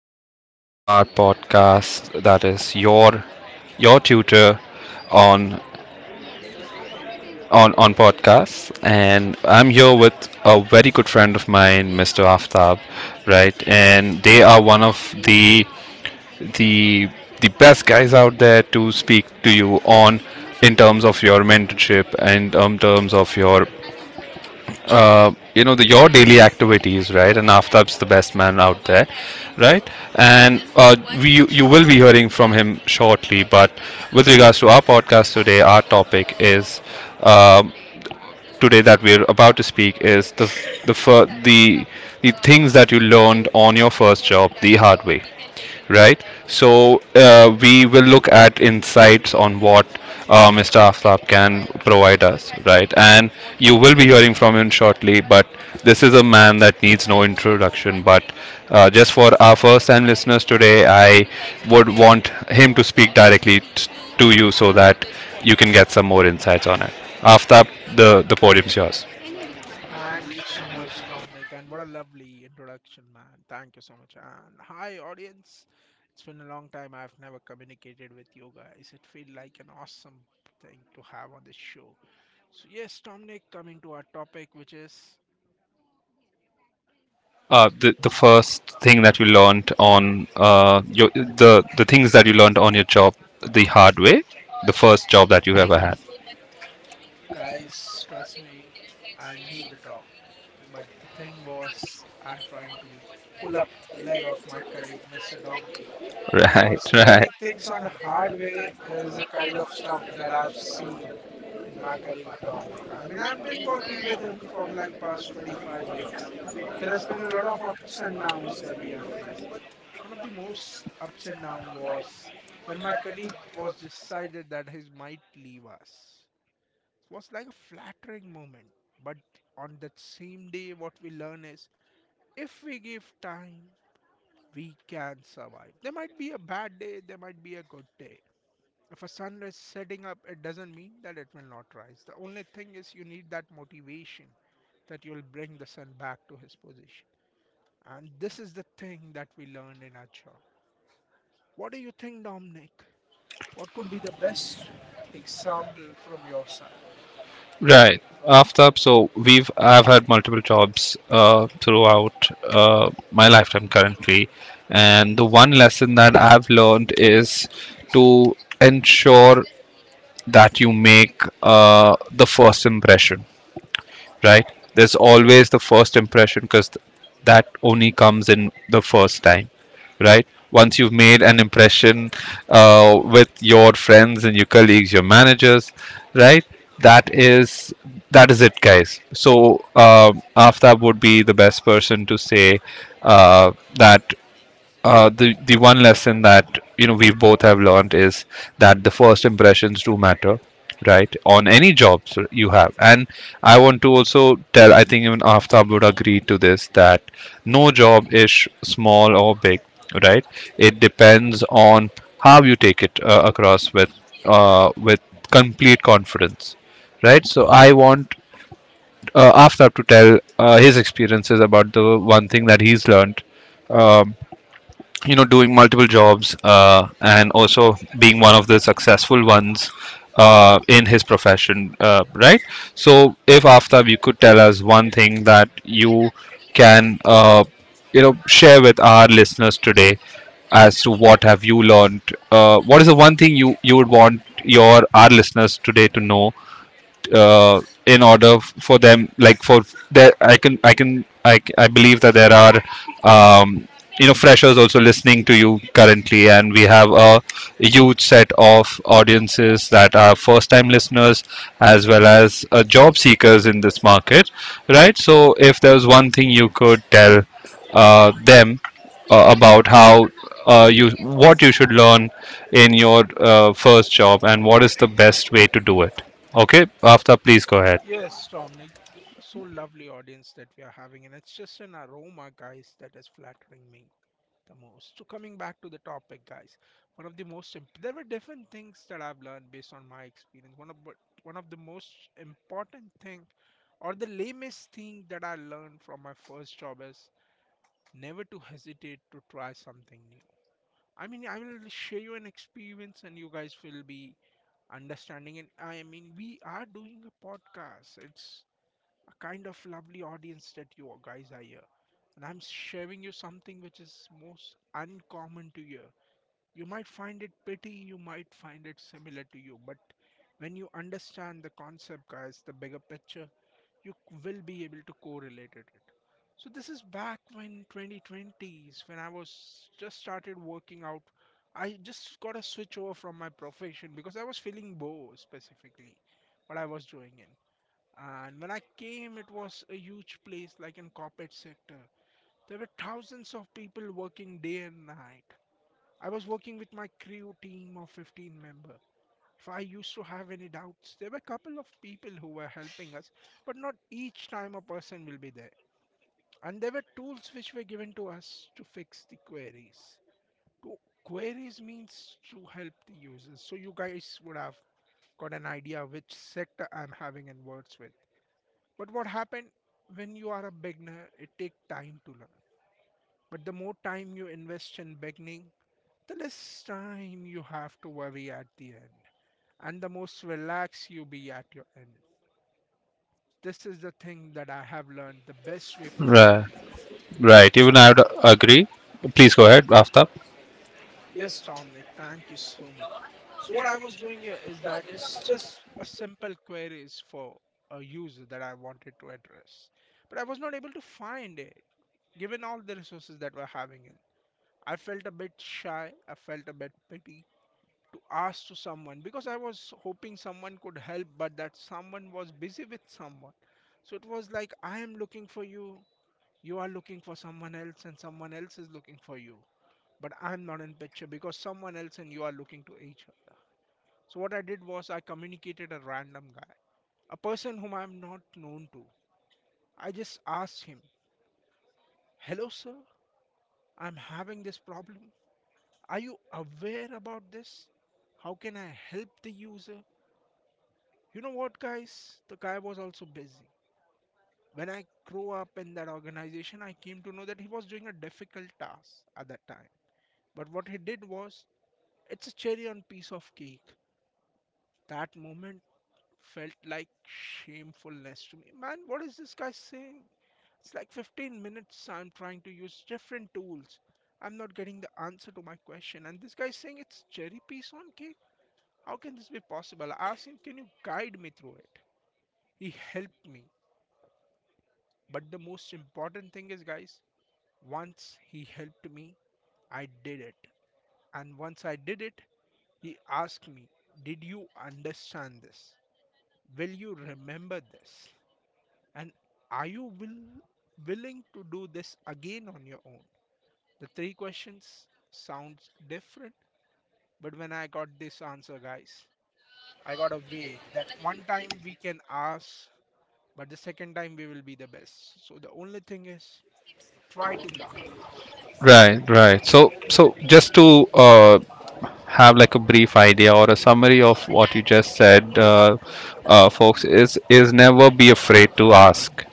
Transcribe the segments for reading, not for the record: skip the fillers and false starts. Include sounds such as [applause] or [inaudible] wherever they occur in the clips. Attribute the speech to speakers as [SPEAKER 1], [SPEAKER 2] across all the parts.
[SPEAKER 1] everybody to our podcast that is your tutor on on podcasts, and I'm here with a very good friend of mine, Mr. Aftab, right? And they are one of the the best guys out there to speak to you on, in terms of your mentorship and in terms of your your daily activities, right? And Aftab's the best man out there, right. And we you you will be hearing from him shortly, but with regards to our podcast today, our topic is um, today, that we're about to speak, is the fir- the things that you learned on your first job the hard way, right? So we will look at insights on what Mr. Aftab can provide us, right? And you will be hearing from him shortly, but this is a man that needs no introduction. But just for our first time listeners today, I would want him to speak directly to you so that you can get some more insights on it. Aftab, the podium's yours.
[SPEAKER 2] Thank you so much, Dominic, and what a lovely introduction, man. Thank you so much. And hi, audience. It's been a long time I've never communicated with you guys. It feels like an awesome thing to have on this show. So, yes, Dominic, coming to our topic, which is
[SPEAKER 1] The first thing that you learned on your, the things that you learned on your job the hard way, the first job that you ever had. [laughs]
[SPEAKER 2] guys, trust me, I knew the topic. But the thing was, I'm trying to pull up leg of my colleague, Mr. Dominic.
[SPEAKER 1] Right,
[SPEAKER 2] Because learning things on hard way is the kind of stuff that I've seen in my colleague Dominic. I've been working with him from like past 25 years. There has been a lot of ups and downs that we have faced. One of the most ups and down was when my colleague was decided that he might leave us. It was like a flattering moment, but on that same day, what we learn is if we give time, we can survive. There might be a bad day, there might be a good day. If a sun is setting up, it doesn't mean that it will not rise. The only thing is you need that motivation that you'll bring the sun back to his position. And this is the thing that we learned in our job. What do you think, Dominic? What could be the best example from your side?
[SPEAKER 1] right. After, so we've I've had multiple jobs throughout my lifetime currently, and the one lesson that I've learned is to ensure that you make the first impression, right? There's always the first impression, because th that only comes in the first time, right? Once you've made an impression uh, with your friends and your colleagues, your managers, right? That is that is it, guys. So um, Aftab would be the best person to say uh, that, the one lesson that we both have learned is that the first impressions do matter, right, on any jobs you have. And I want to also tell, I think even Aftab would agree to this, that no job is small or big, right. It depends on how you take it across with complete confidence, right. So I want Aftab to tell his experiences about the one thing that he's learned, um, doing multiple jobs and also being one of the successful ones in his profession, right. So if, Aftab, you could tell us one thing that you can share with our listeners today as to what have you learned, what is the one thing you would want your our listeners today to know, in order for them, like for, there I can I can I, c- I believe that there are, um, freshers also listening to you currently, and we have a huge set of audiences that are first time listeners as well as job seekers in this market, right. So if there's one thing you could tell them, about how you what you should learn in your first job, and what is the best way to do it. Okay, Aftab, please go ahead.
[SPEAKER 2] Yes, Dominic. So lovely audience that we are having, and it's just an aroma, guys, that is flattering me the most. So coming back to the topic, guys, one of the most imp- there were different things that I've learned based on my experience. One of the most important thing, or the lamest thing that I learned from my first job is never to hesitate to try something new. I will share you an experience, and you guys will be understanding. We are doing a podcast. It's a kind of lovely audience that you guys are here. And I'm sharing you something which is most uncommon to hear. You might find it petty, you might find it similar to you, but when you understand the concept, guys, the bigger picture, will be able to correlate it. So this is back when 2020s, when I was just started working out, I just got a switch over from my profession because I was feeling bored specifically, what I was doing in. And when I came, it was a huge place like in corporate sector. There were thousands of people working day and night. I was working with my crew team of 15 members. If I used to have any doubts, there were a couple of people who were helping us, but not each time a person will be there. And there were tools which were given to us to fix the queries. To queries means to help the users. So you guys would have got an idea which sector I'm having in words with. But what happened when you are a beginner, it takes time to learn. But the more time you invest in beginning, the less time you have to worry at the end and the most relaxed you be at your end. This is the thing that I have learned the best way from my
[SPEAKER 1] Right,
[SPEAKER 2] thing.
[SPEAKER 1] right. Even
[SPEAKER 2] So,
[SPEAKER 1] I would agree. Please go ahead, Aftab.
[SPEAKER 2] yes, Dominic, thank you so much. So, what I was doing here is that it's just a simple queries for a user that I wanted to address, but I was not able to find it given all the resources that we're having in. I felt a bit shy, I felt a bit pity, to ask to someone because I was hoping someone could help, but that someone was busy with someone. So it was like, I am looking for you, you are looking for someone else, and someone else is looking for you. But I'm not in picture because someone else and you are looking to each other. So what I did was I communicated a random guy, a person whom I'm not known to. I just asked him, "Hello sir, I'm having this problem. Are you aware about this? How can I help the user?" You know what, guys? The guy was also busy. When I grew up in that organization, I came to know that he was doing a difficult task at that time. But what he did was, it's a cherry on piece of cake. That moment felt like shamefulness to me. Man, what is this guy saying? It's like 15 minutes I'm trying to use different tools. I'm not getting the answer to my question. And this guy's saying it's cherry piece on cake? How can this be possible? I asked him, can you guide me through it? He helped me. But the most important thing is, guys, once he helped me, I did it. And once I did it, he asked me, "Did you understand this? Will you remember this? And are you willing to do this again on your own?" The three questions sounds different, but when I got this answer, guys, I got a way that one time we can ask, but the second time we will be the best. So the only thing is try to learn.
[SPEAKER 1] Right, right. So, just to have like a brief idea or a summary of what you just said, folks, is never be afraid to ask.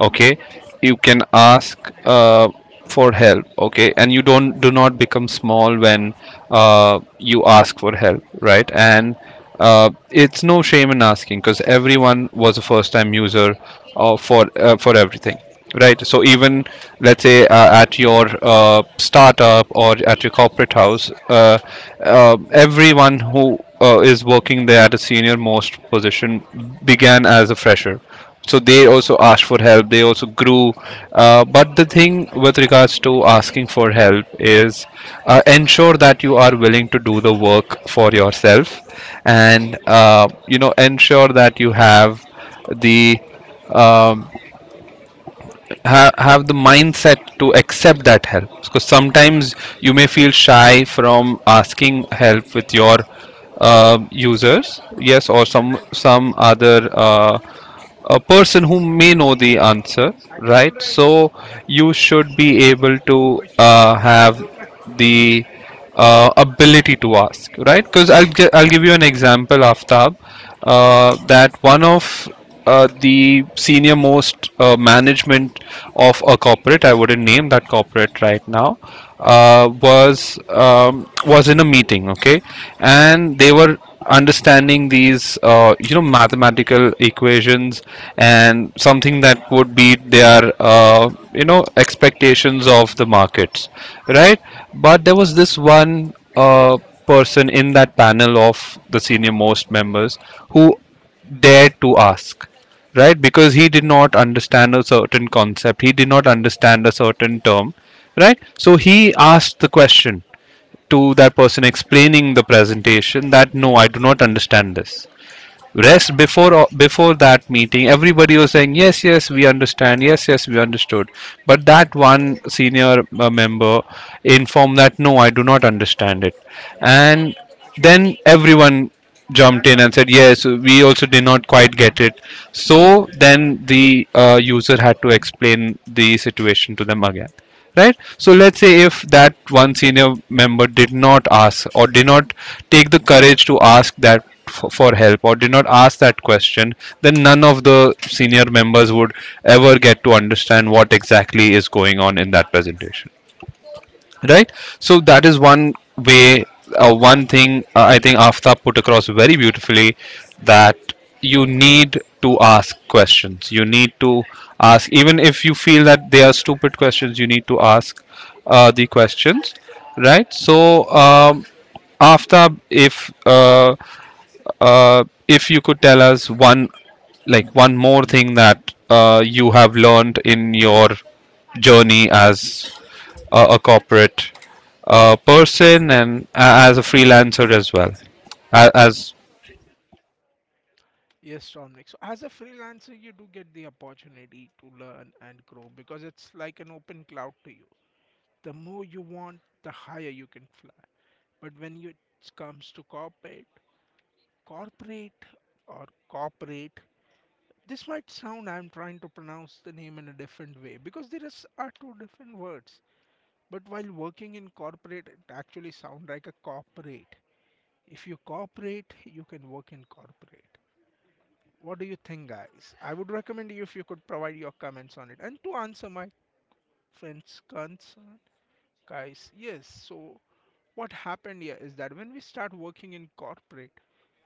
[SPEAKER 1] Okay, you can ask uh, for help. Okay, and you don't do not become small when you ask for help, right? And it's no shame in asking, because everyone was a first-time user for everything right. So, even let's say at your startup or at your corporate house, everyone who is working there at a senior most position began as a fresher. So they also asked for help. They also grew. But the thing with regards to asking for help is, ensure that you are willing to do the work for yourself, and ensure that you the have the mindset to accept that help, because sometimes you may feel shy from asking help with your users, yes, or some other, a person who may know the answer, right? So you should be able to have the ability to ask, right? Because I'll give you an example, Aftab, that one of the senior most management of a corporate, I wouldn't name that corporate right now, was in a meeting, okay, and they were understanding these mathematical equations and something that would beat their expectations of the markets, right. But there was this one person in that panel of the senior most members who dared to ask, right, because he did not understand a certain concept, he did not understand a certain term, right. So he asked the question to that person explaining the presentation that, no, I do not understand this. Rest, before that meeting, everybody was saying, yes, yes, we understand, yes, yes, we understood, but that one senior member informed that, no, I do not understand it. And then everyone jumped in and said, yes, we also did not quite get it. So then the user had to explain the situation to them again, right. So let's say if that one senior member did not ask, or did not take the courage to ask that for help, or did not ask that question, then none of the senior members would ever get to understand what exactly is going on in that presentation, right? So that is one way, one thing, I think Aftab put across very beautifully, that you need to ask questions. You need to ask, even if you feel that they are stupid questions, you need to ask the questions, right? So, Aftab, if, if you could tell us one, like one more thing, that you have learned in your journey as a corporate person, and as a freelancer as well as,
[SPEAKER 2] Yes, Dominic. So, as a freelancer, you do get the opportunity to learn and grow because it's like an open cloud to you. The more you want, the higher you can fly. But it comes to corporate, corporate or corporate, this might sound I'm trying to pronounce the name in a different way because are two different words. But while working in corporate, it actually sounds like a corporate. If you cooperate, you can work in corporate. What do you think, guys? I would recommend you if you could provide your comments on it. And to answer my friend's concern, guys, yes. So, what happened here is that when we start working in corporate,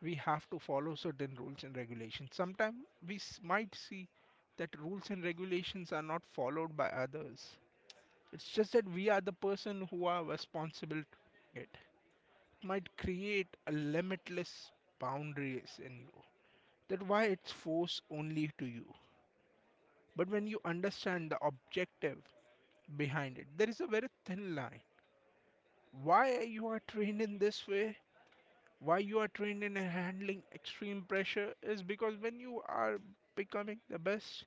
[SPEAKER 2] we have to follow certain rules and regulations. Sometimes might see that rules and regulations are not followed by others. It's just that we are the person who are responsible to it. It might create a limitless boundaries in you. That why it's forced only to you. But when you understand the objective behind it, there is a very thin line. Why you are trained in this way, why you are trained in handling extreme pressure is because when you are becoming the best,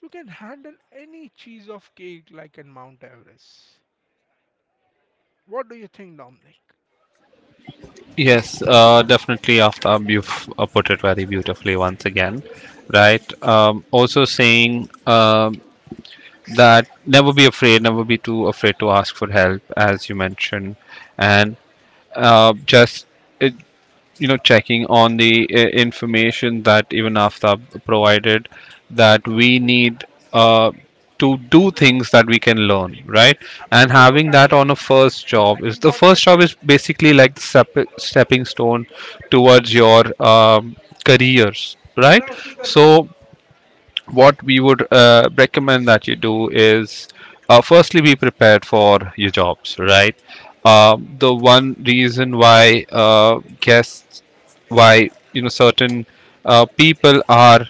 [SPEAKER 2] you can handle any cheese of cake like in Mount Everest. What do you think, Dominic?
[SPEAKER 1] yes. Definitely, Aftab, you've put it very beautifully once again, right. Also saying, that never be afraid, never be too afraid to ask for help, as you mentioned, and just, it, you know checking on the information that even Aftab provided, that we need uh, to do things that we can learn, right. And having that on a first job, is, the first job is basically like the stepping stone towards your careers, right. So what we would recommend that you do is, firstly, be prepared for your jobs, right. The one reason why, guests, why certain people are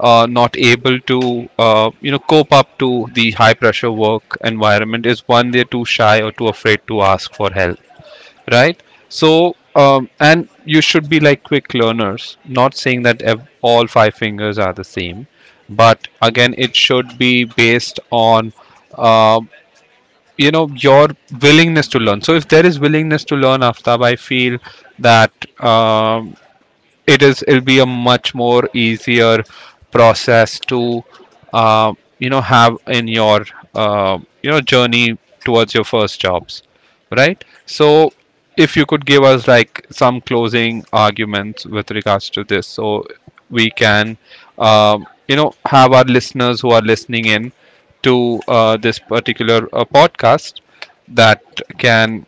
[SPEAKER 1] not able to cope up to the high pressure work environment, is, one, they're too shy or too afraid to ask for help, right. So, and you should be like quick learners, not saying that all five fingers are the same, but again, it should be based on uh, your willingness to learn. So if there is willingness to learn, Aftab, I feel that, um, it'll be a much more easier process to uh, have in your journey towards your first jobs, right. So if you could give us like some closing arguments with regards to this, so we can, have our listeners who are listening in to this particular podcast, that can,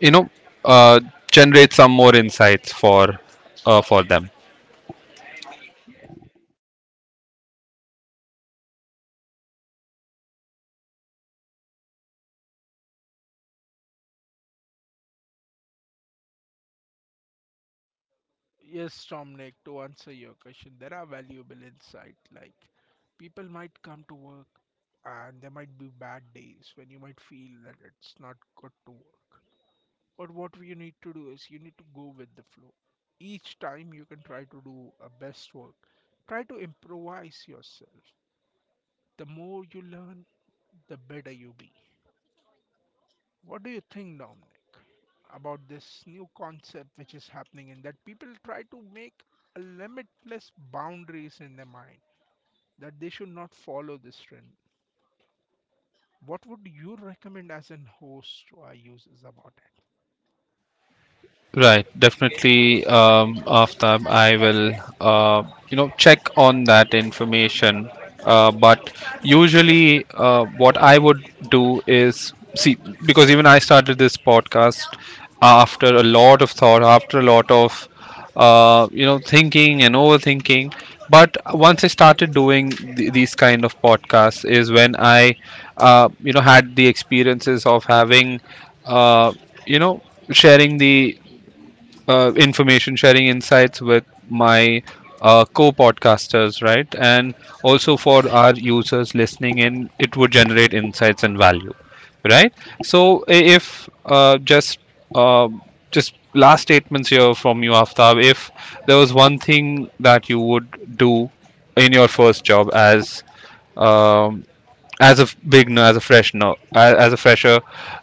[SPEAKER 1] you know uh, generate some more insights for them
[SPEAKER 2] Yes, Dominic, to answer your question, there are valuable insights like people might come to work and there might be bad days when you might feel that it's not good to work. But what you need to do is you need to go with the flow. Each time you can try to do a best work, try to improvise yourself. The more you learn, the better you be. What do you think, Dominic, about this new concept which is happening and that people try to make a limitless boundaries in their mind that they should not follow this trend? What would you recommend as an host to our users about it?
[SPEAKER 1] Right, definitely. After, I will, uh, check on that information. But usually, what I would do is see, because even I started this podcast after a lot of thought, after a lot of, thinking and overthinking. But once I started doing these kind of podcasts, is when I, had the experiences of having, uh, you know, sharing the information, sharing insights with my co-podcasters, right? And also for our users listening in, it would generate insights and value, right? So, I- if just uh, just last statements here from you, Aftab, if there was one thing that you would do in your first job as, um, as a beginner, as a fresher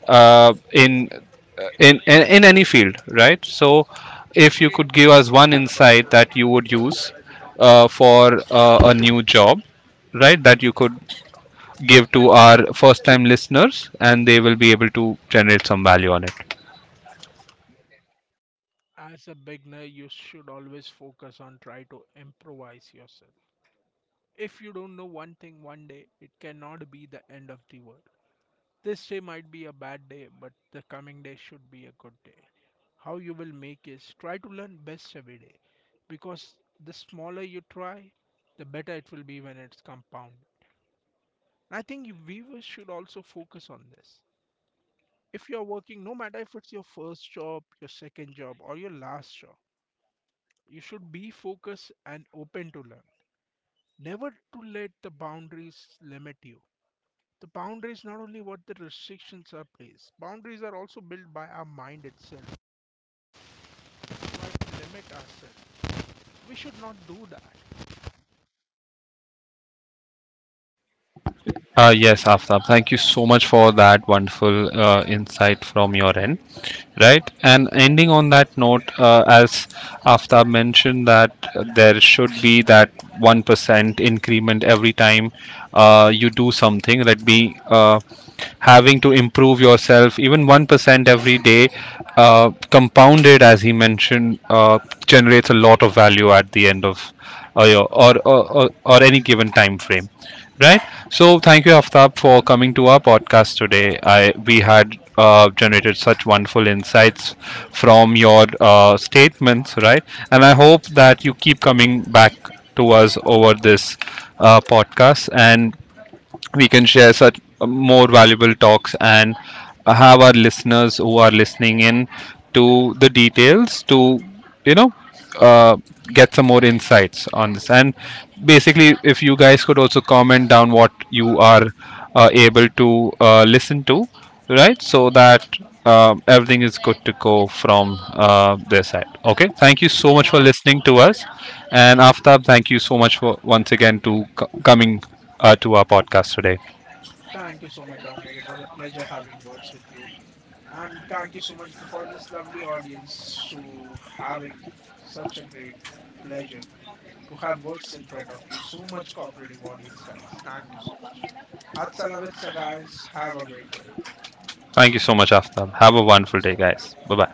[SPEAKER 1] uh, in, in any field, right? So, if you could give us one insight that you would use for a new job, right, that you could give to our first-time listeners, and they will be able to generate some value on it.
[SPEAKER 2] As a beginner, you should always focus on try to improvise yourself. If you don't know one thing one day, it cannot be the end of the world. This day might be a bad day, but the coming day should be a good day. How you will make is try to learn best every day because the smaller you try, the better it will be when it's compound. I think you viewers should also focus on this. If you're working, no matter if it's your first job, your second job, or your last job, you should be focused and open to learn. Never to let the boundaries limit you. The boundaries not only what the restrictions are placed, boundaries are also built by our mind itself. Try to limit ourselves. We should not do that.
[SPEAKER 1] Yes, Aftab, thank you so much for that wonderful insight from your end. Right, and ending on that note, as Aftab mentioned, that there should be that 1% increment every time you do something, that be having to improve yourself, even 1% every day, compounded, as he mentioned, generates a lot of value at the end of your, or any given time frame, right. So thank you, Aftab, for coming to our podcast today. I we had generated such wonderful insights from your statements, right? And I hope that you keep coming back to us over this podcast, and we can share such more valuable talks, and have our listeners who are listening in to the details to, you know uh, get some more insights on this. And basically, if you guys could also comment down what you are able to listen to, right, so that everything is good to go from their side. Okay, thank you so much for
[SPEAKER 2] Thank
[SPEAKER 1] listening to us, and Aftab, thank you so much for once again to coming to our podcast today.
[SPEAKER 2] thank you so much, Dominic. It was a pleasure having words with you. And thank you so much for this lovely audience to having such a great pleasure to have words in front of you. So much cooperative audience, guys. Thank you so much. Hasta la guys. Have a great day.
[SPEAKER 1] Thank you so much, Aftab. Have a wonderful day, guys. Bye bye.